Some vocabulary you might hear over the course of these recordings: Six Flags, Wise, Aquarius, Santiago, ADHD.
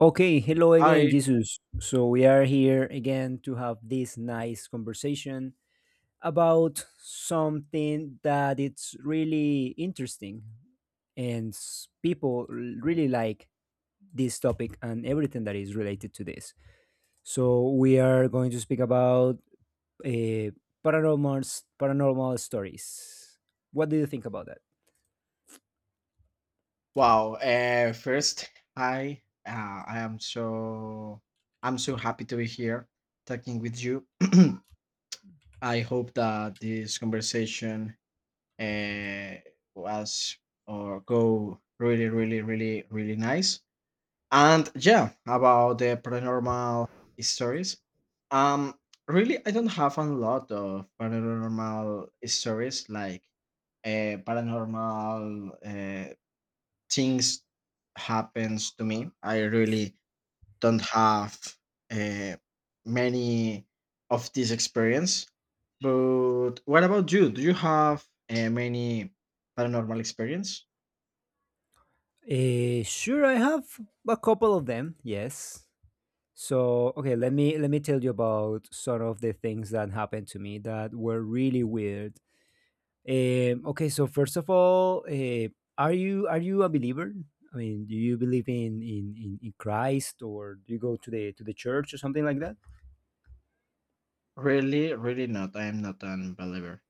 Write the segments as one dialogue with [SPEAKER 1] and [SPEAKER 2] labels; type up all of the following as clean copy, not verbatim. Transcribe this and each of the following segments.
[SPEAKER 1] Okay, hello again,
[SPEAKER 2] Hi.
[SPEAKER 1] Jesus. So we are here again to have this nice conversation about something that it's really interesting and really like this topic and everything that is related to this. So we are going to speak about uh, paranormal stories. What do you think about that?
[SPEAKER 2] Wow. First, hi. Uh, I am so I'm so happy to be here talking with you. I hope that this conversation uh, was or go really, really, really, really nice. And yeah, about the paranormal stories. Um, Really, I don't have a lot of paranormal stories like paranormal things happens to me. I really don't have uh, many of this experience. But what about you? Do you have many paranormal experience?
[SPEAKER 1] Sure, I have a couple of them. Yes. So okay, let me tell you about some of the things that happened to me that were really weird. Okay, so first of all, are you a believer? I mean, do you believe in Christ or do you go to the church or something like that?
[SPEAKER 2] Really, really not. I am not an believer.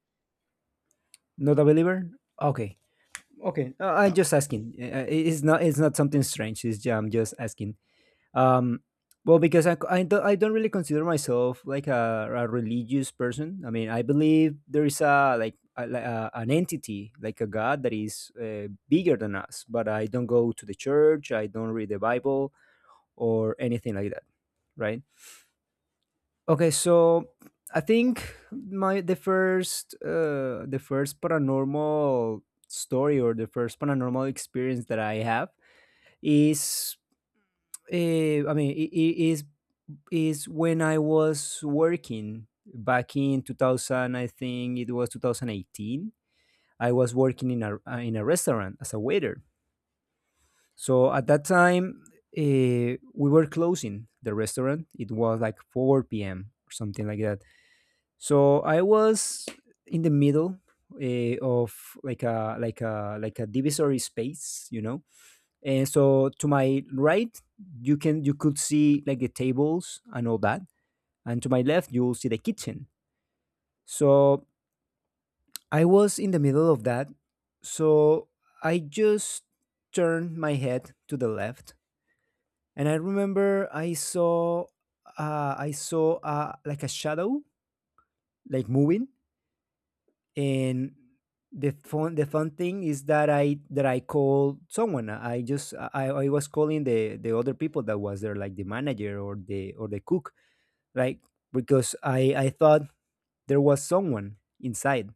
[SPEAKER 1] Not a believer? Okay, okay. I'm
[SPEAKER 2] No.
[SPEAKER 1] just asking. It's not something strange. I'm just asking. Um, well, because I don't really consider myself like a religious person. I mean, I believe there is a like like a, an entity, like a God that is bigger than us. But I don't go to the church. I don't read the Bible or anything like that. Right? Okay. So I think my the first paranormal story or the first paranormal experience that I have is I mean, it is when I was working back in 2000, I think it was 2018. I was working in a restaurant as a waiter. So at that time, uh, we were closing the restaurant. It was like 4 p.m. or something like that. So I was in the middle of like a like a divisory space, you know. And so to my right, you could see like the tables and all that, and to my left you'll see the kitchen, so I was in the middle of that. So I just turned my head to the left, and I remember I saw I saw like a shadow, like moving. And the fun thing is that I called someone. I just I was calling the other people that was there, like the manager or the cook, like, because I thought there was someone inside.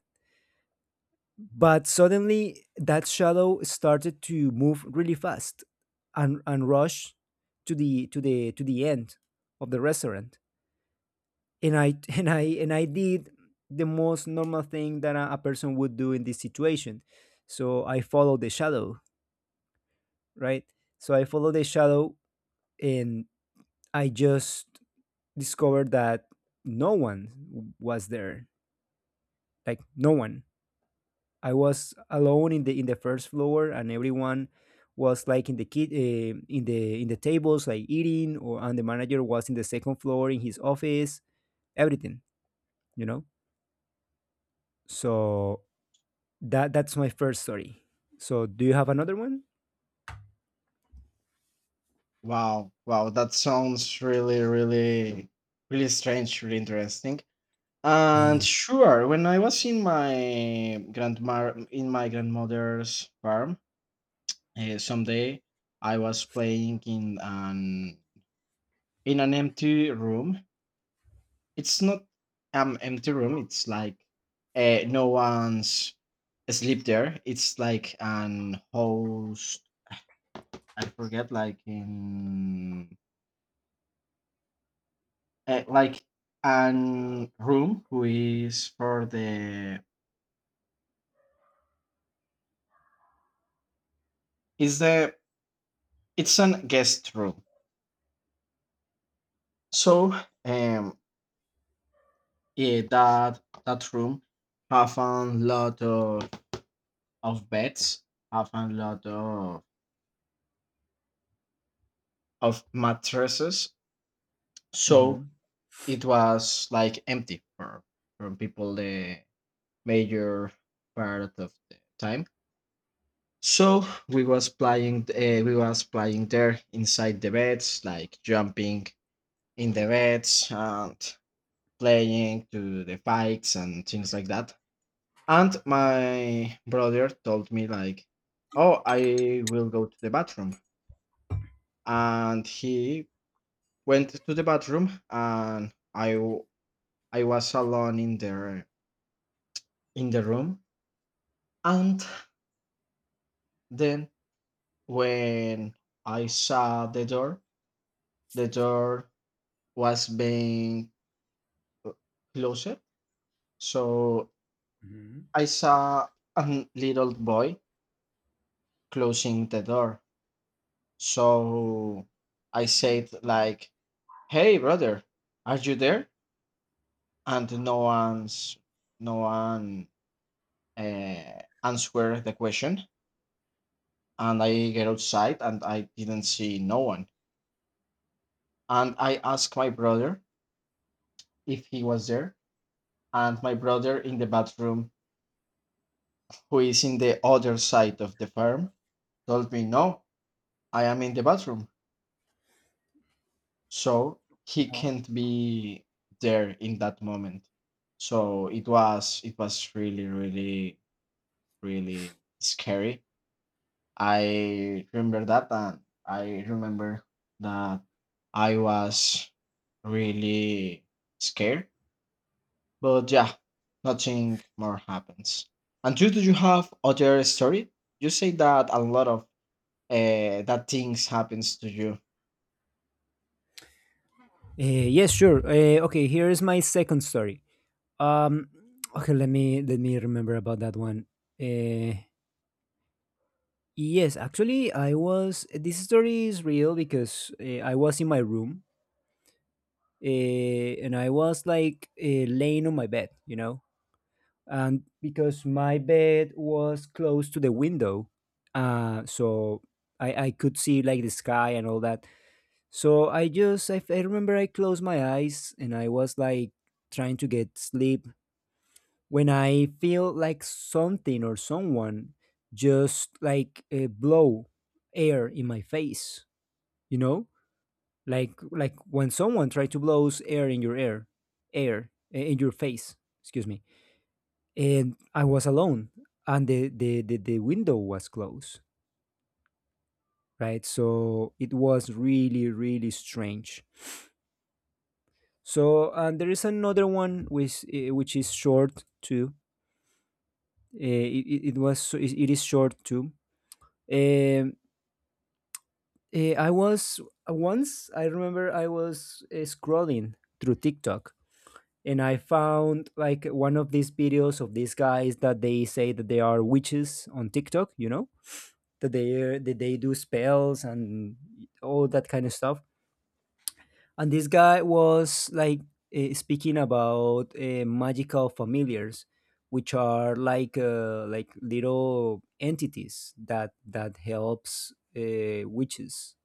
[SPEAKER 1] But suddenly that shadow started to move really fast and rush to the end of the restaurant. And I and I did the most normal thing that a person would do in this situation. So I followed the shadow, right? So I followed the shadow, and I just discovered that no one was there. Like no one. I was alone in the first floor, and everyone was like in the kid in the tables, like eating, or and the manager was in the second floor in his office. Everything, you know. So that's my first story. So do you have another one?
[SPEAKER 2] Wow, wow. That sounds really, really, really strange. Really interesting. And
[SPEAKER 1] Uh,
[SPEAKER 2] sure, when I was in my grandma in my grandmother's farm, someday I was playing in an empty room. It's not an empty room. It's like no one's sleep there. It's like an host. I forget. Like in like an room who is for the is the it's an guest room. So um yeah, that room have a lot of beds, have a lot of mattresses. So
[SPEAKER 1] mhm.
[SPEAKER 2] it was like empty for from people the major part of the time. So we was playing there inside the beds, like jumping in the beds and playing to the fights and things like that. And my brother told me like, "Oh, I will go to the bathroom," and he went to the bathroom and I was alone in the room, and then when I saw the door, the door was being uh, closed. So
[SPEAKER 1] Hmm.
[SPEAKER 2] I saw a little boy closing the door. So I said like, "Hey brother, are you there?" And no one answered the question, and I get outside and I didn't see no one. And I asked my brother if he was there, and my brother in the bathroom, who is in the other side of the farm, told me, "No, I am in the bathroom." So he
[SPEAKER 1] Uh-huh.
[SPEAKER 2] can't be there in that moment. So it was, it was really, really, really scary, I remember that, and I remember that I was really scared. But yeah, nothing more happens. And you, do you have other story? You say that a lot of that things happens to you.
[SPEAKER 1] Yes, sure. Okay, here is my second story. Um, okay, let me remember about that one. Uh, Yes, actually, I was. This story is real because I was in my room and I was like laying on my bed, you know, and because my bed was close to the window, so I could see like the sky and all that. So I just, I remember I closed my eyes and I was like trying to get sleep when I feel like something or someone just like blow air in my face, you know, like when someone tries to blows air in your air air in your face, excuse me. And I was alone, and the window was closed, right? So it was really really strange. So and there is another one which which is short too. Uh, it, it it was so- it, it is short too. um, I was once, I remember I was scrolling through TikTok, and I found like one of these videos of these guys that they say that they are witches on TikTok, you know, that they do spells and all that kind of stuff. And this guy was like speaking about magical familiars, which are like little entities that helps witches,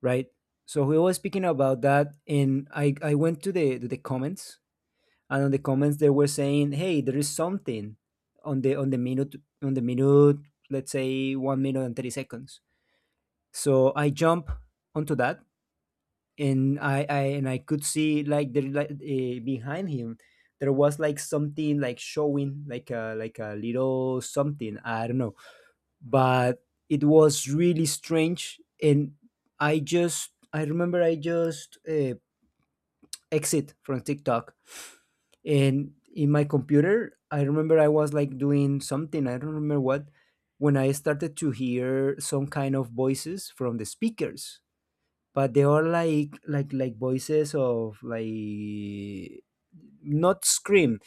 [SPEAKER 1] right? So we was speaking about that, and I went to the comments, and on the comments they were saying, "Hey, there is something on the minute, let's say 1 minute and 30 seconds." So I jump onto that, and I and I could see like there, like behind him there was like something like showing like a little something, I don't know, but it was really strange. And I just I remember I just exit from TikTok, and in my computer I remember I was like doing something, I don't remember what, when I started to hear some kind of voices from the speakers, but they are like voices of like not scream.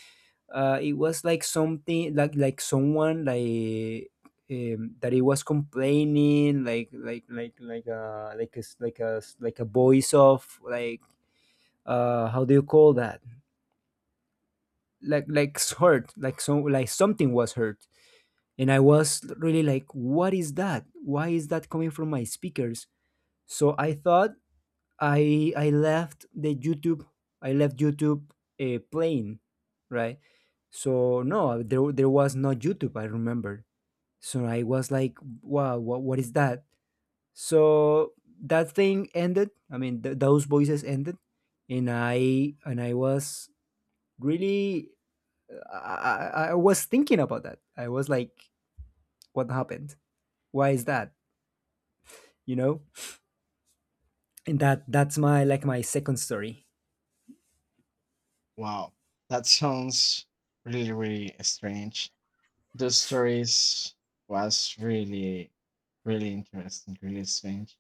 [SPEAKER 1] It was like something like someone like that it was complaining like like a voice of like how do you call that, like hurt, like, so like something was hurt. And I was really like, what is that? Why is that coming from my speakers? So I thought, I left the YouTube, I left YouTube playing, right? So no, there was no YouTube, I remember. So I was like, wow, what is that? So that thing ended, I mean, those voices ended, and I was really, I, I, was thinking about that. I was like, what happened? Why is that? You know, and that's my like my second story.
[SPEAKER 2] Wow, that sounds really really strange. The stories was really really interesting, really strange.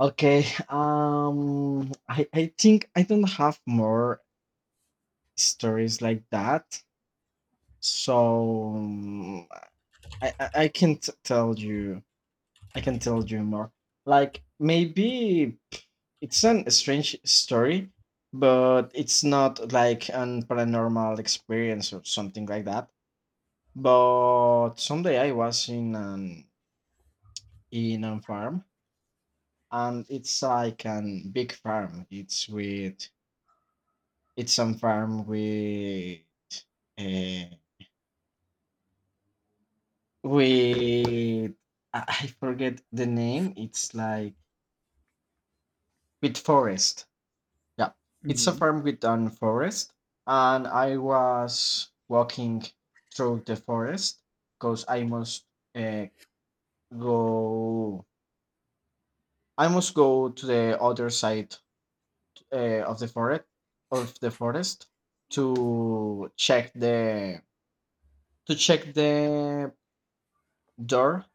[SPEAKER 2] Okay. I think I don't have more stories like that. So I I can't tell you I can tell you more. Like maybe it's an a strange story, but it's not like an paranormal experience or something like that. But someday I was in an in a farm and it's like an big farm. It's with It's some farm uh, with I forget the name. It's like with forest. Yeah, it's a
[SPEAKER 1] Hmm.
[SPEAKER 2] farm with an forest, and I was walking through the forest because I must uh, go. I must go to the other side of the forest of the forest to check the to check the door,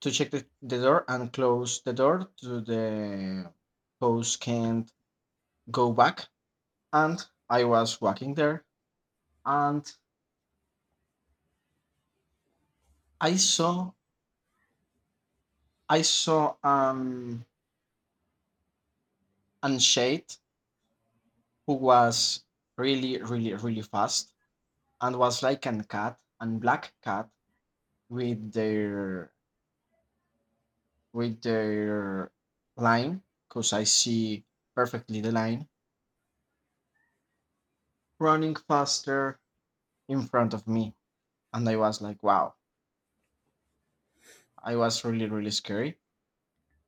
[SPEAKER 2] to check the door and close the door to the house can't go back. And I was walking there, and I saw, I saw, an shade who was really really really fast, and was like an cat and black cat with their with their line, because I see perfectly the line running faster in front of me. And I was like, wow, I was really really scary.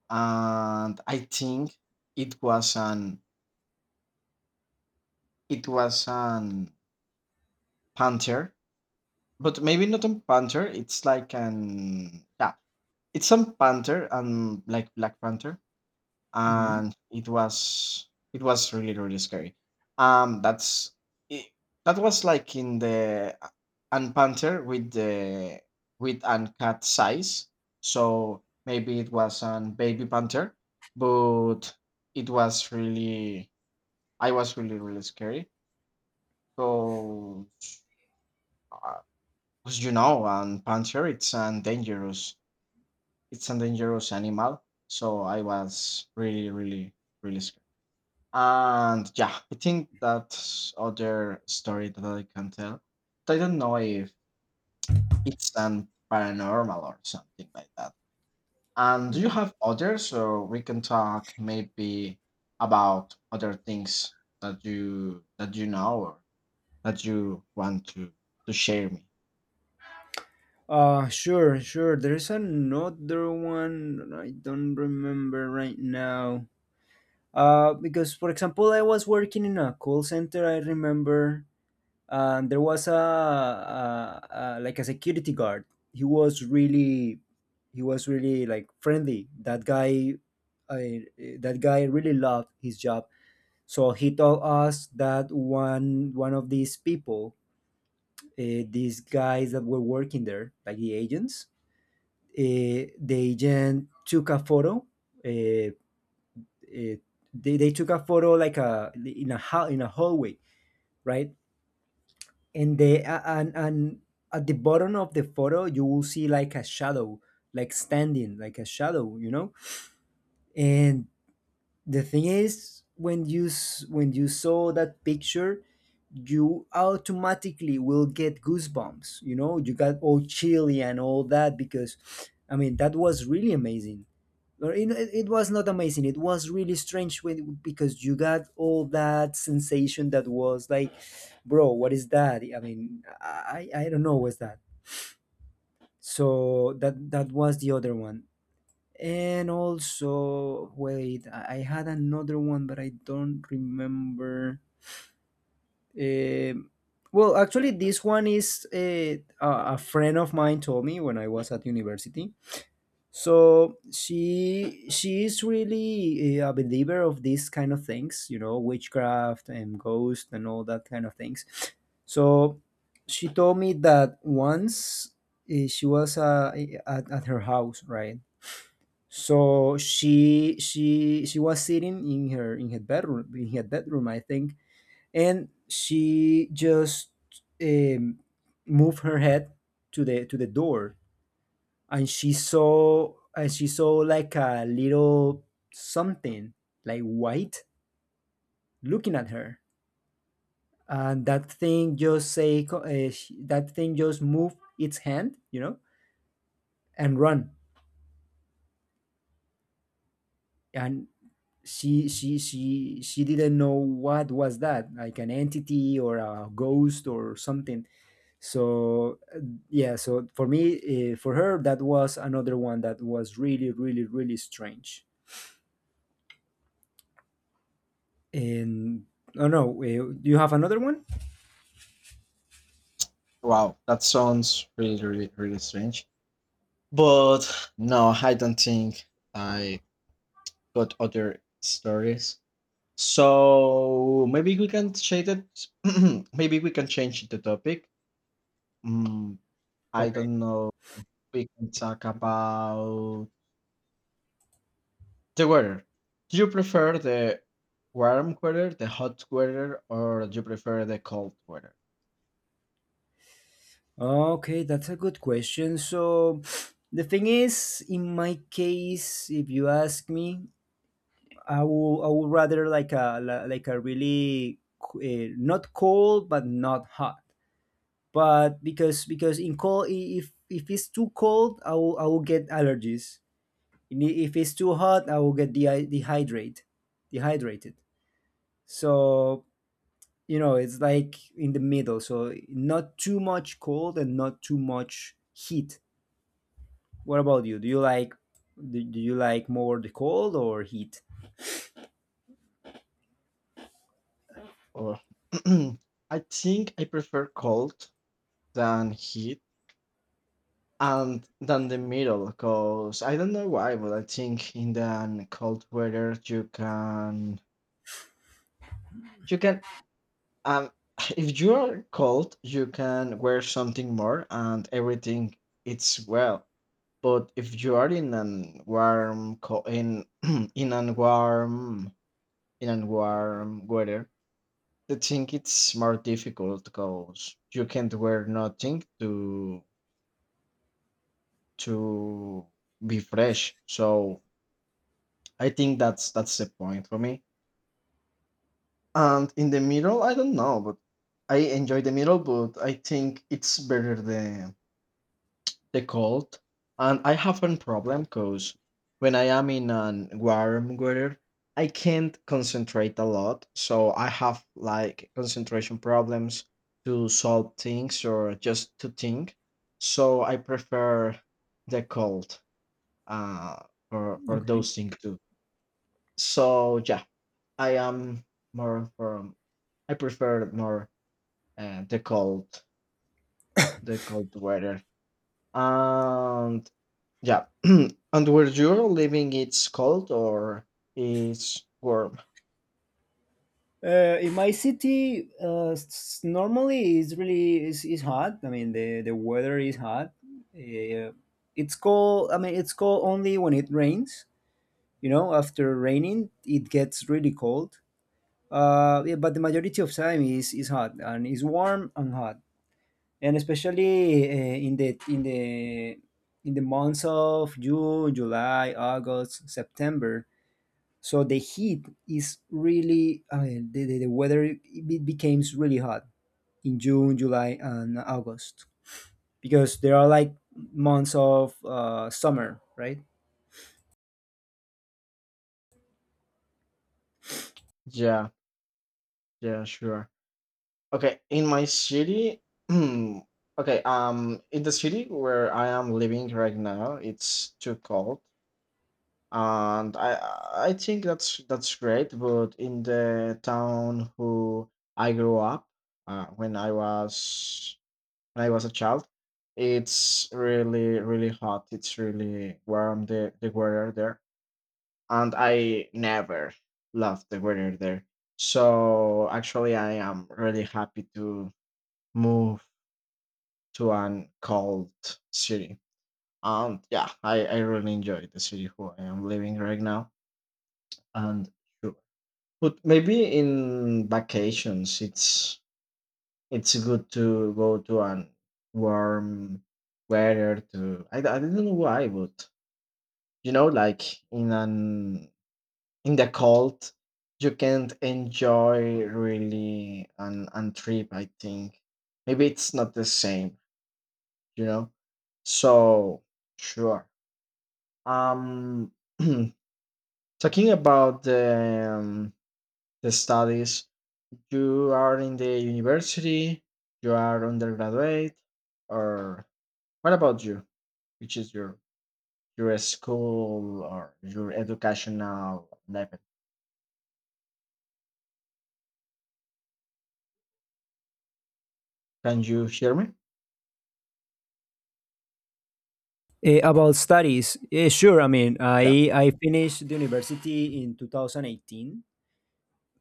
[SPEAKER 2] And I think it was an panther, but maybe not a panther. It's like an yeah, it's a panther and like black panther,
[SPEAKER 1] Hmm.
[SPEAKER 2] and it was, it was really really scary. That's it, that was like in the and panther with the with an cat size, so maybe it was an baby panther, but it was really, I was really really scary. So uh, as you know, and panther it's an dangerous, it's a dangerous animal, so I was really really really scared. And yeah, I think that's other story that I can tell. But I don't know if it's an paranormal or something like that. And do you have others so we can talk maybe about other things that you know or that you want to share me?
[SPEAKER 1] Sure, sure. There's another one I don't remember right now. Because for example, I was working in a call center, I remember. And there was a like a security guard. he was really he was really like friendly, that guy. I, that guy really loved his job. So he told us that one of these people, these guys that were working there like the agents, the agent took a photo, uh, uh, they took a photo like a in a hall, in a hallway, right? And and at the bottom of the photo you will see like a shadow, like standing, like a shadow, you know. And the thing is, when when you saw that picture, you automatically will get goosebumps, you know, you got all chilly and all that, because I mean that was really amazing. Or it was not amazing, it was really strange, when, because you got all that sensation that was like, bro, what is that? I mean, I don't know what's that. So that was the other one. And also wait, I had another one but I don't remember. um well actually this one is a friend of mine told me when I was at university. So she is really a believer of these kind of things, you know, witchcraft and ghost and all that kind of things. So she told me that once, she was at her house, right? So she was sitting in her in her bedroom, I think. And she just um, moved her head to the door, and she saw like a little something, like white, looking at her. And that thing just say co- sh that thing just moved its hand, you know, and run. And she didn't know what was that, like an entity or a ghost or something. So yeah, so for me, for her that was another one that was really really really strange. And oh no, do you have another one?
[SPEAKER 2] Wow, that sounds really, really, really strange. But no, I don't think I got other stories. So maybe we can change it. Maybe we can change the topic. Mm, I
[SPEAKER 1] Okay.
[SPEAKER 2] don't know. We can talk about the weather. Do you prefer the warm weather, the hot weather, or do you prefer the cold weather?
[SPEAKER 1] Okay, that's a good question. So the thing is, in my case, if you ask me, I would rather like like a really not cold but not hot. But because in cold, if it's too cold, I will get allergies. And if it's too hot, I will get dehydrated. So it's like in the middle, so not too much cold and not too much heat. What about you? Do you like more the cold or heat?
[SPEAKER 2] Or I think I prefer cold than heat and than the middle, because I don't know why, but I think in the cold weather you can you can Um, if you are cold, you can wear something more and everything it's well. But if you are in an warm co- in in an warm in an warm weather, the thing it's more difficult because you can't wear nothing to to be fresh. So I think that's the point for me. And in the middle, I don't know, but I enjoy the middle, but I think it's better than the cold. And I have a problem because when I am in an warm weather, I can't concentrate a lot. So I have like concentration problems to solve things or just to think. So I prefer the cold uh, for
[SPEAKER 1] Okay.
[SPEAKER 2] those things too. So yeah, I am more from, I prefer more uh, the cold, the cold weather. And yeah. And where you're living, it's cold or it's warm?
[SPEAKER 1] In my city, normally it's really is hot. I mean, the weather is hot. uh, it's cold. I mean, it's cold only when it rains. You know, after raining it gets really cold. Yeah, but the majority of time is hot, and it's warm and hot, and especially in the months of June, July, August, September. So the heat is really, I mean, the weather it becomes really hot in June, July, and August because there are like months of summer, right?
[SPEAKER 2] Yeah. Yeah, sure. Okay. In my city, okay. In the city where I am living right now, it's too cold, and I think that's great. But in the town who I grew up, when I was, when I was a child, it's really really hot. It's really warm. The weather there, and I never loved the weather there. So actually, I am really happy to move to an cold city. And yeah, I really enjoy the city who I am living right now. And sure, but maybe in vacations, it's good to go to an warm weather. To I don't know why, but you know, like in an in the cold you can't enjoy really an trip, I think maybe it's not the same, you know. So sure. um Talking about the studies, you are in the university, you are undergraduate, or what about you, which is your school or your educational level? Can you hear me?
[SPEAKER 1] About studies, sure. I mean, I finished the university in 2018,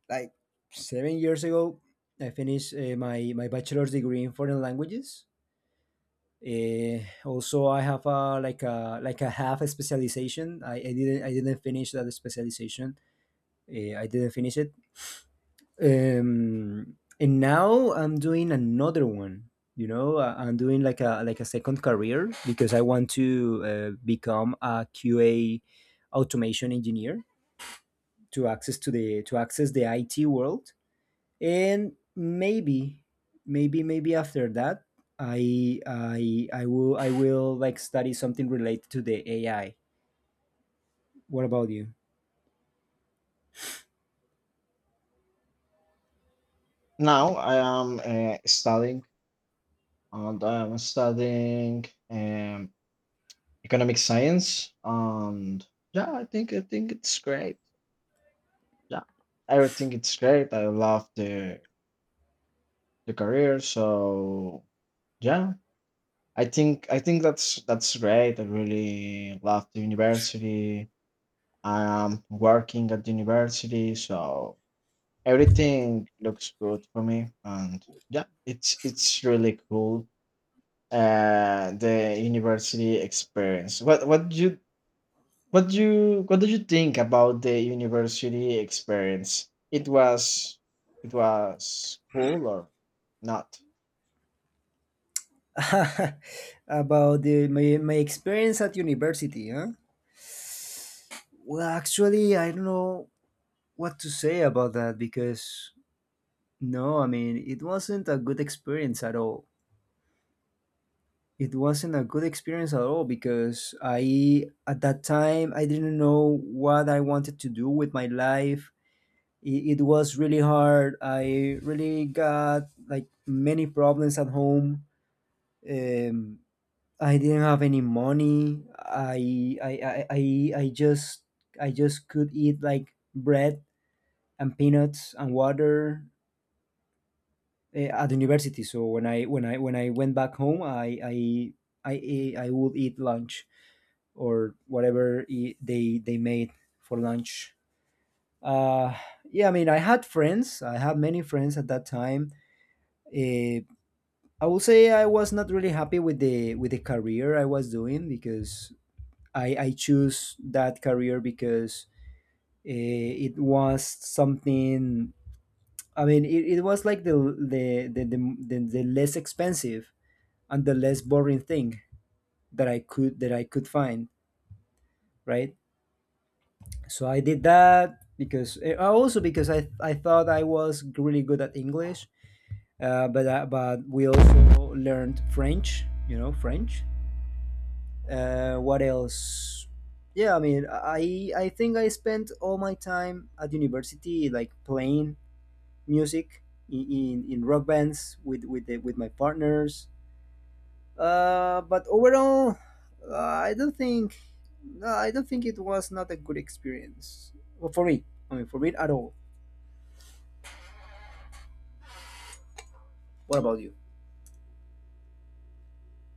[SPEAKER 1] like 7 years ago. I finished my bachelor's degree in foreign languages. Uh, Also, I have a like a like a half a specialization. I didn't finish that specialization. I didn't finish it. And now I'm doing another one. I'm doing like a second career because I want to become a QA automation engineer to access the IT world, and maybe after that I will like study something related to the AI. What about you?
[SPEAKER 2] Now I am studying, and I am studying um, economic science. And yeah, I think it's great. Yeah, I think it's great. I love the career. So yeah, I think that's great. I really love the university. I am working at the university, so everything looks good for me. And yeah, it's really cool. The university experience, what what you, what did you think about the university experience? It was, it was cool or not?
[SPEAKER 1] About my experience at university, huh? Well, actually, I don't know what to say about that, because no, I mean, it wasn't a good experience at all. It wasn't a good experience at all because I, at that time, I didn't know what I wanted to do with my life. It was really hard. I really got like many problems at home. Um, I didn't have any money. I just could eat like bread and peanuts and water at university. So when I went back home, I I would eat lunch or whatever they made for lunch. Uh, yeah, I mean, I had friends. I had many friends at that time. Uh, I will say I was not really happy with the career I was doing, because I choose that career because it was something. I mean, it was like the the less expensive and the less boring thing that I could find, right? So I did that because also because I thought I was really good at English, but we also learned French, you know, French. What else? Yeah, I mean, I think I spent all my time at university like playing music in rock bands with with my partners. But overall, I don't think, no, I don't think it was not a good experience, well, for me. I mean, for me at all. What about you?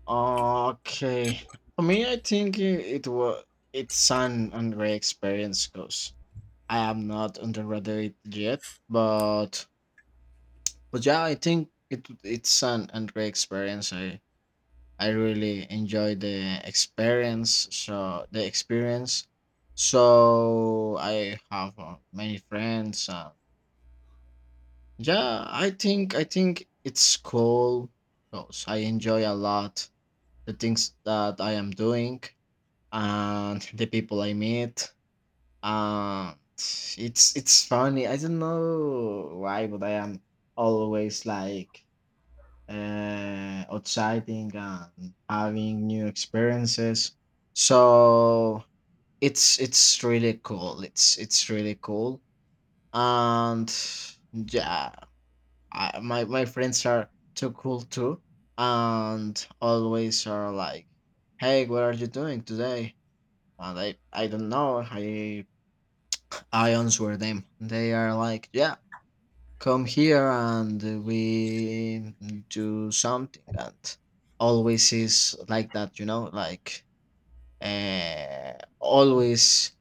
[SPEAKER 2] Okay, for me I think it, it was, it's an undergraduate experience, because I am not undergraduate yet. but but yeah, I think it, it's an undergraduate experience. I really enjoy the experience. So the experience. So I have many friends. Yeah, I think it's cool because I enjoy a lot the things that I am doing and the people I meet. And it's funny. I don't know why, but I am always like exciting and having new experiences. So it's really cool. It's really cool. And yeah, I, my friends are too cool too, and always are like, "Hey, what are you doing today?" And I don't know. I answer them. They are like, "Yeah, come here and we do something." And always is like that, you know, like uh, always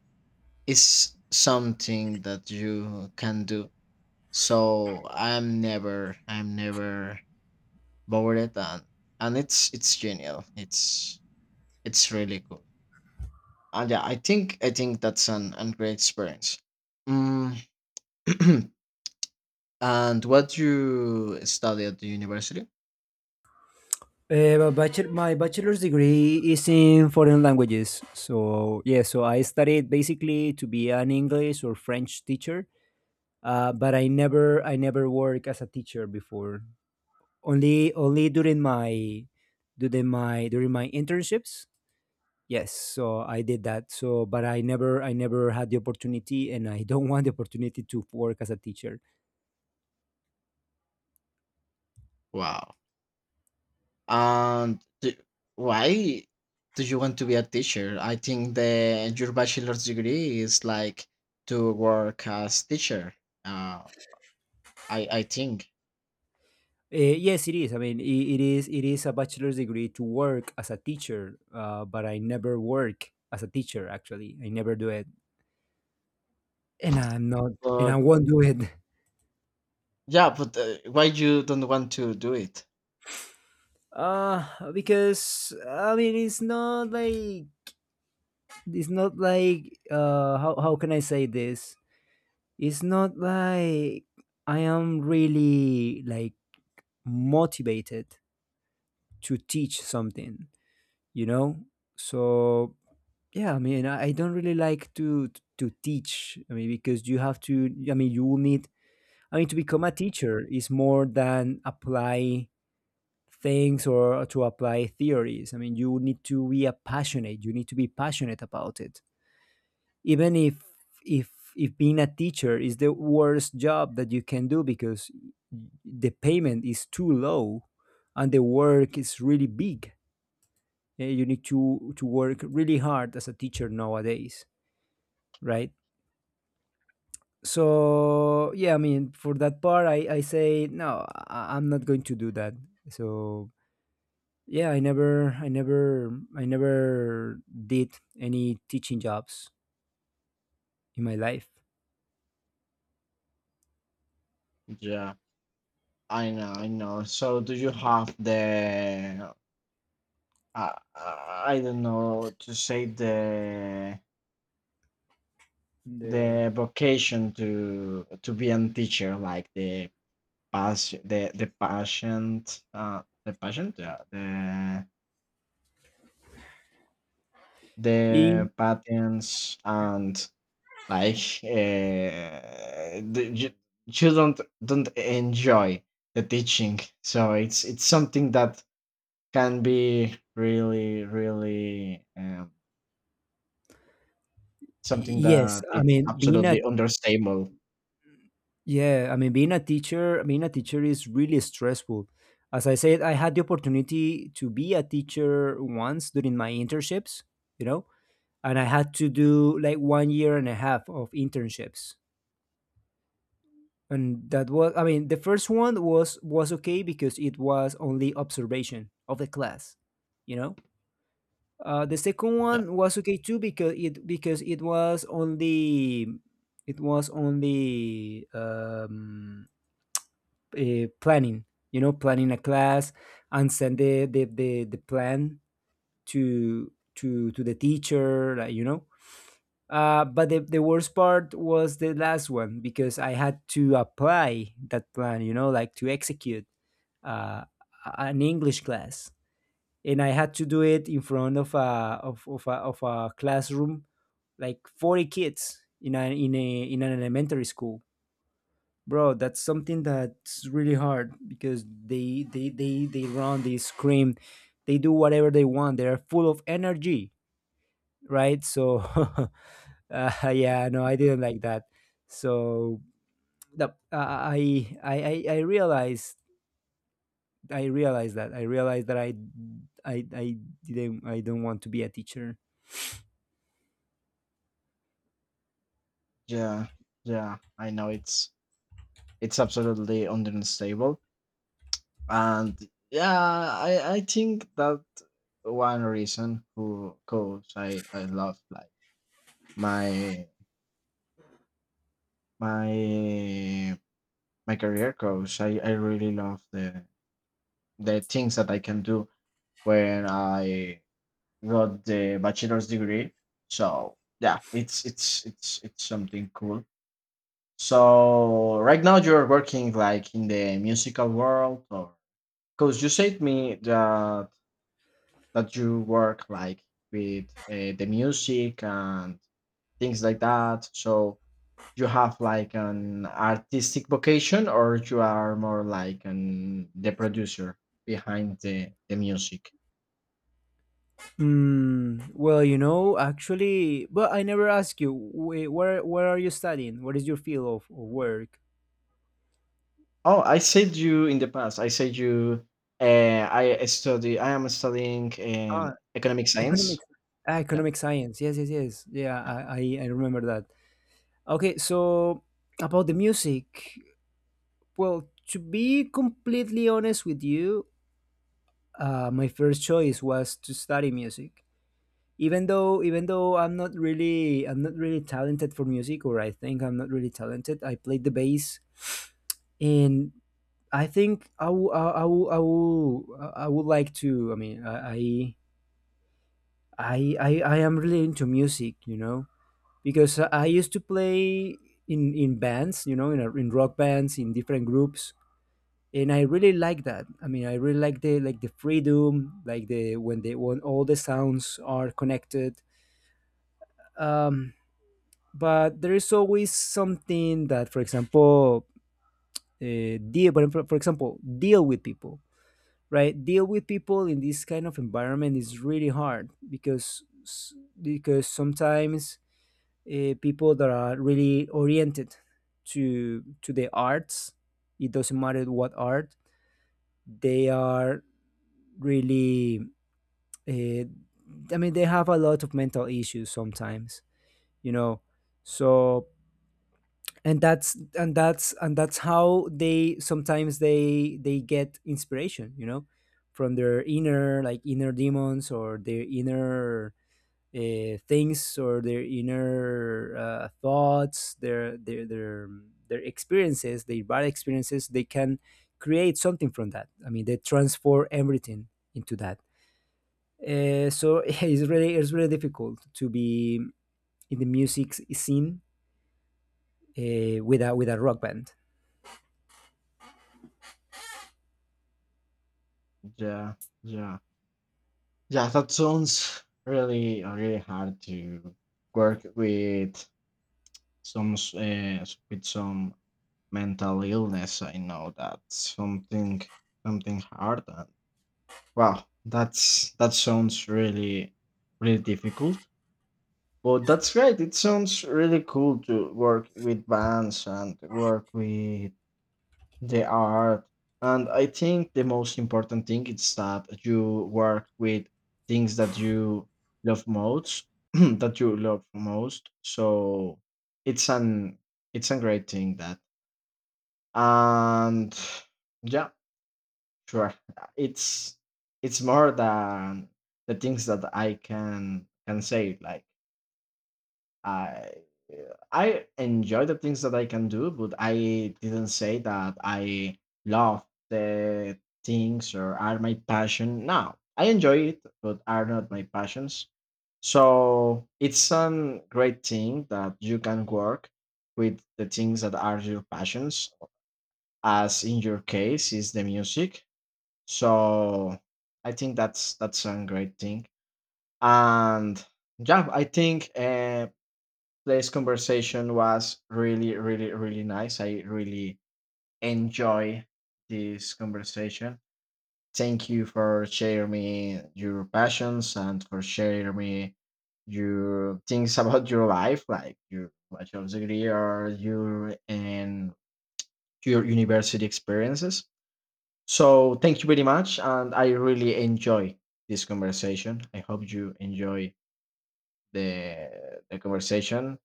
[SPEAKER 2] is something that you can do. So I'm never bored, and it's genial, it's really cool. And yeah, I think I think that's an great experience. Mm. And what you study at the university?
[SPEAKER 1] My bachelor's degree is in foreign languages. So, yeah, so I studied basically to be an English or French teacher. But I never work as a teacher before. Only only during my during my during my internships. Yes, so I did that. So, but I never had the opportunity, and I don't want the opportunity to work as a teacher.
[SPEAKER 2] Wow. And d why do you want to be a teacher? I think the your bachelor's degree is like to work as teacher. Uh, I I think,
[SPEAKER 1] Yes, it is. I mean, I it is a bachelor's degree to work as a teacher, but I never work as a teacher. Actually, I never do it, and I'm not, and I
[SPEAKER 2] but
[SPEAKER 1] won't do it.
[SPEAKER 2] yeah, but why you don't want to do it?
[SPEAKER 1] Because I mean, it's not like, how can I say this? It's not like I am really like motivated to teach something, you know? So yeah, I mean, I don't really like to teach. I mean, because you have to, I mean, you will need, I mean, to become a teacher is more than apply things or to apply theories. I mean, you need to be a passionate, you need to be passionate about it, even if being a teacher is the worst job that you can do, because the payment is too low and the work is really big. Yeah, you need to work really hard as a teacher nowadays, right? So yeah, I mean, for that part, I say no. I'm not going to do that. So yeah, I never did any teaching jobs in my life.
[SPEAKER 2] Yeah, I know, I know. So do you have the I don't know to say the vocation to be a teacher, like the patient, the patient, yeah,
[SPEAKER 1] Y-
[SPEAKER 2] the patents and like, the, you don't enjoy the teaching, so it's something that can be really really something
[SPEAKER 1] yes,
[SPEAKER 2] that
[SPEAKER 1] I
[SPEAKER 2] it's
[SPEAKER 1] mean, being a
[SPEAKER 2] absolutely understable.
[SPEAKER 1] yeah, I mean, being a teacher is really stressful. As I said, I had the opportunity to be a teacher once during my internships, you know, and I had to do like 1 year and a half of internships. And that was, I mean, the first one was okay because it was only observation of the class, you know. The second one
[SPEAKER 2] Yeah,
[SPEAKER 1] was okay too because it was only it was only um, planning, you know, planning a class and send the plan to the teacher, like, you know. But the worst part was the last one because I had to apply that plan, you know, like to execute uh, an English class, and I had to do it in front of a classroom, like 40 kids in a in a in an elementary school. Bro, that's something that's really hard because they run, they scream, they do whatever they want, they're full of energy, right? So yeah, no, I didn't like that. So the, I I realized I realized that I realized that I didn't, I don't want to be a teacher.
[SPEAKER 2] yeah, yeah. I know it's absolutely understable. And yeah, I think that one reason who cause I love like my my my career coach. I really love the things that I can do when I got the bachelor's degree. So yeah, it's something cool. So right now you're working like in the musical world? Or because you said me that that you work like with the music and things like that, so you have like an artistic vocation, or you are more like an the producer behind the music?
[SPEAKER 1] Well, you know, actually, but I never asked you where are you studying? What is your field of work?
[SPEAKER 2] Oh, I said you in the past, I said you, I study, I am studying economic science.
[SPEAKER 1] Economics. Ah,
[SPEAKER 2] Yeah.
[SPEAKER 1] economic science. Yes, yes, yes. Yeah,
[SPEAKER 2] Yeah.
[SPEAKER 1] I remember that. Okay, so about the music. Well, to be completely honest with you, my first choice was to study music. Even though I'm not really talented for music, or I think I'm not really talented. I played the bass, and I think I would like to. I mean, I am really into music. You know, because I used to play you know, in in rock bands, in different groups, and I really like that. I mean, I really like the freedom, like the when they when all the sounds are connected. Um, but there is always something that, for example, deal. But for example, deal with people, right? Deal with people in this kind of environment is really hard because because sometimes people that are really oriented to the arts. It doesn't matter what art they are, really. Uh, I mean, they have a lot of mental issues sometimes, you know. So and that's how they sometimes they get inspiration, you know, from their inner like inner demons or their inner things or their inner thoughts, their experiences, their bad experiences, they can create something from that. I mean, they transform everything into that. So it's really, it's really difficult to be in the music scene with a rock band.
[SPEAKER 2] Yeah. Yeah, yeah, that sounds really really hard to work with some with some mental illness. I know that's something, something hard. And wow, that's, that sounds really really difficult. But that's great, it sounds really cool to work with bands and work with they are. And I think the most important thing is that you work with things that you love most, that you love most. So it's an, it's a great thing that. And yeah, sure. It's it's more than the things that I can say. Like I I enjoy the things that I can do, but I didn't say that I love the things or are my passion. No, I enjoy it, but are not my passions. So it's a great thing that you can work with the things that are your passions, as in your case is the music. So I think that's a great thing. And yeah, I think, today's conversation was really, really, really nice. I really enjoy this conversation. Thank you for sharing me your passions and for sharing me your things about your life, like your bachelor's degree or your university experiences. So thank you very much, and I really enjoy this conversation. I hope you enjoy the conversation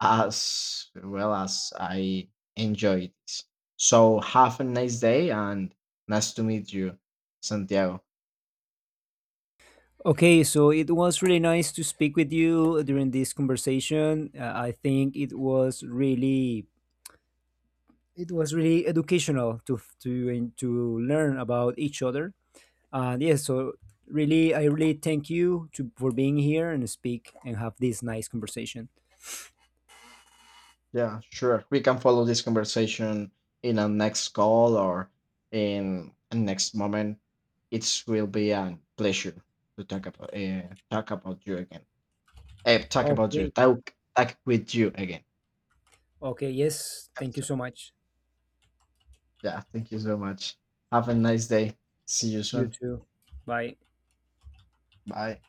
[SPEAKER 2] as well as I enjoy this. So have a nice day, and nice to meet you, Santiago.
[SPEAKER 1] Okay, so it was really nice to speak with you during this conversation. I think it was really, it was really educational to learn about each other. And yes, so really, I really thank you to for being here and speak and have this nice conversation.
[SPEAKER 2] Yeah, sure. We can follow this conversation in a next call or in a next moment. It will be a pleasure to talk about you again. Eh, talk about you.
[SPEAKER 1] Okay,
[SPEAKER 2] Talk with you again.
[SPEAKER 1] okay, yes, thank you
[SPEAKER 2] So
[SPEAKER 1] so much.
[SPEAKER 2] yeah, thank you so much. Have a nice day. See you
[SPEAKER 1] You
[SPEAKER 2] soon.
[SPEAKER 1] too. Bye.
[SPEAKER 2] Bye.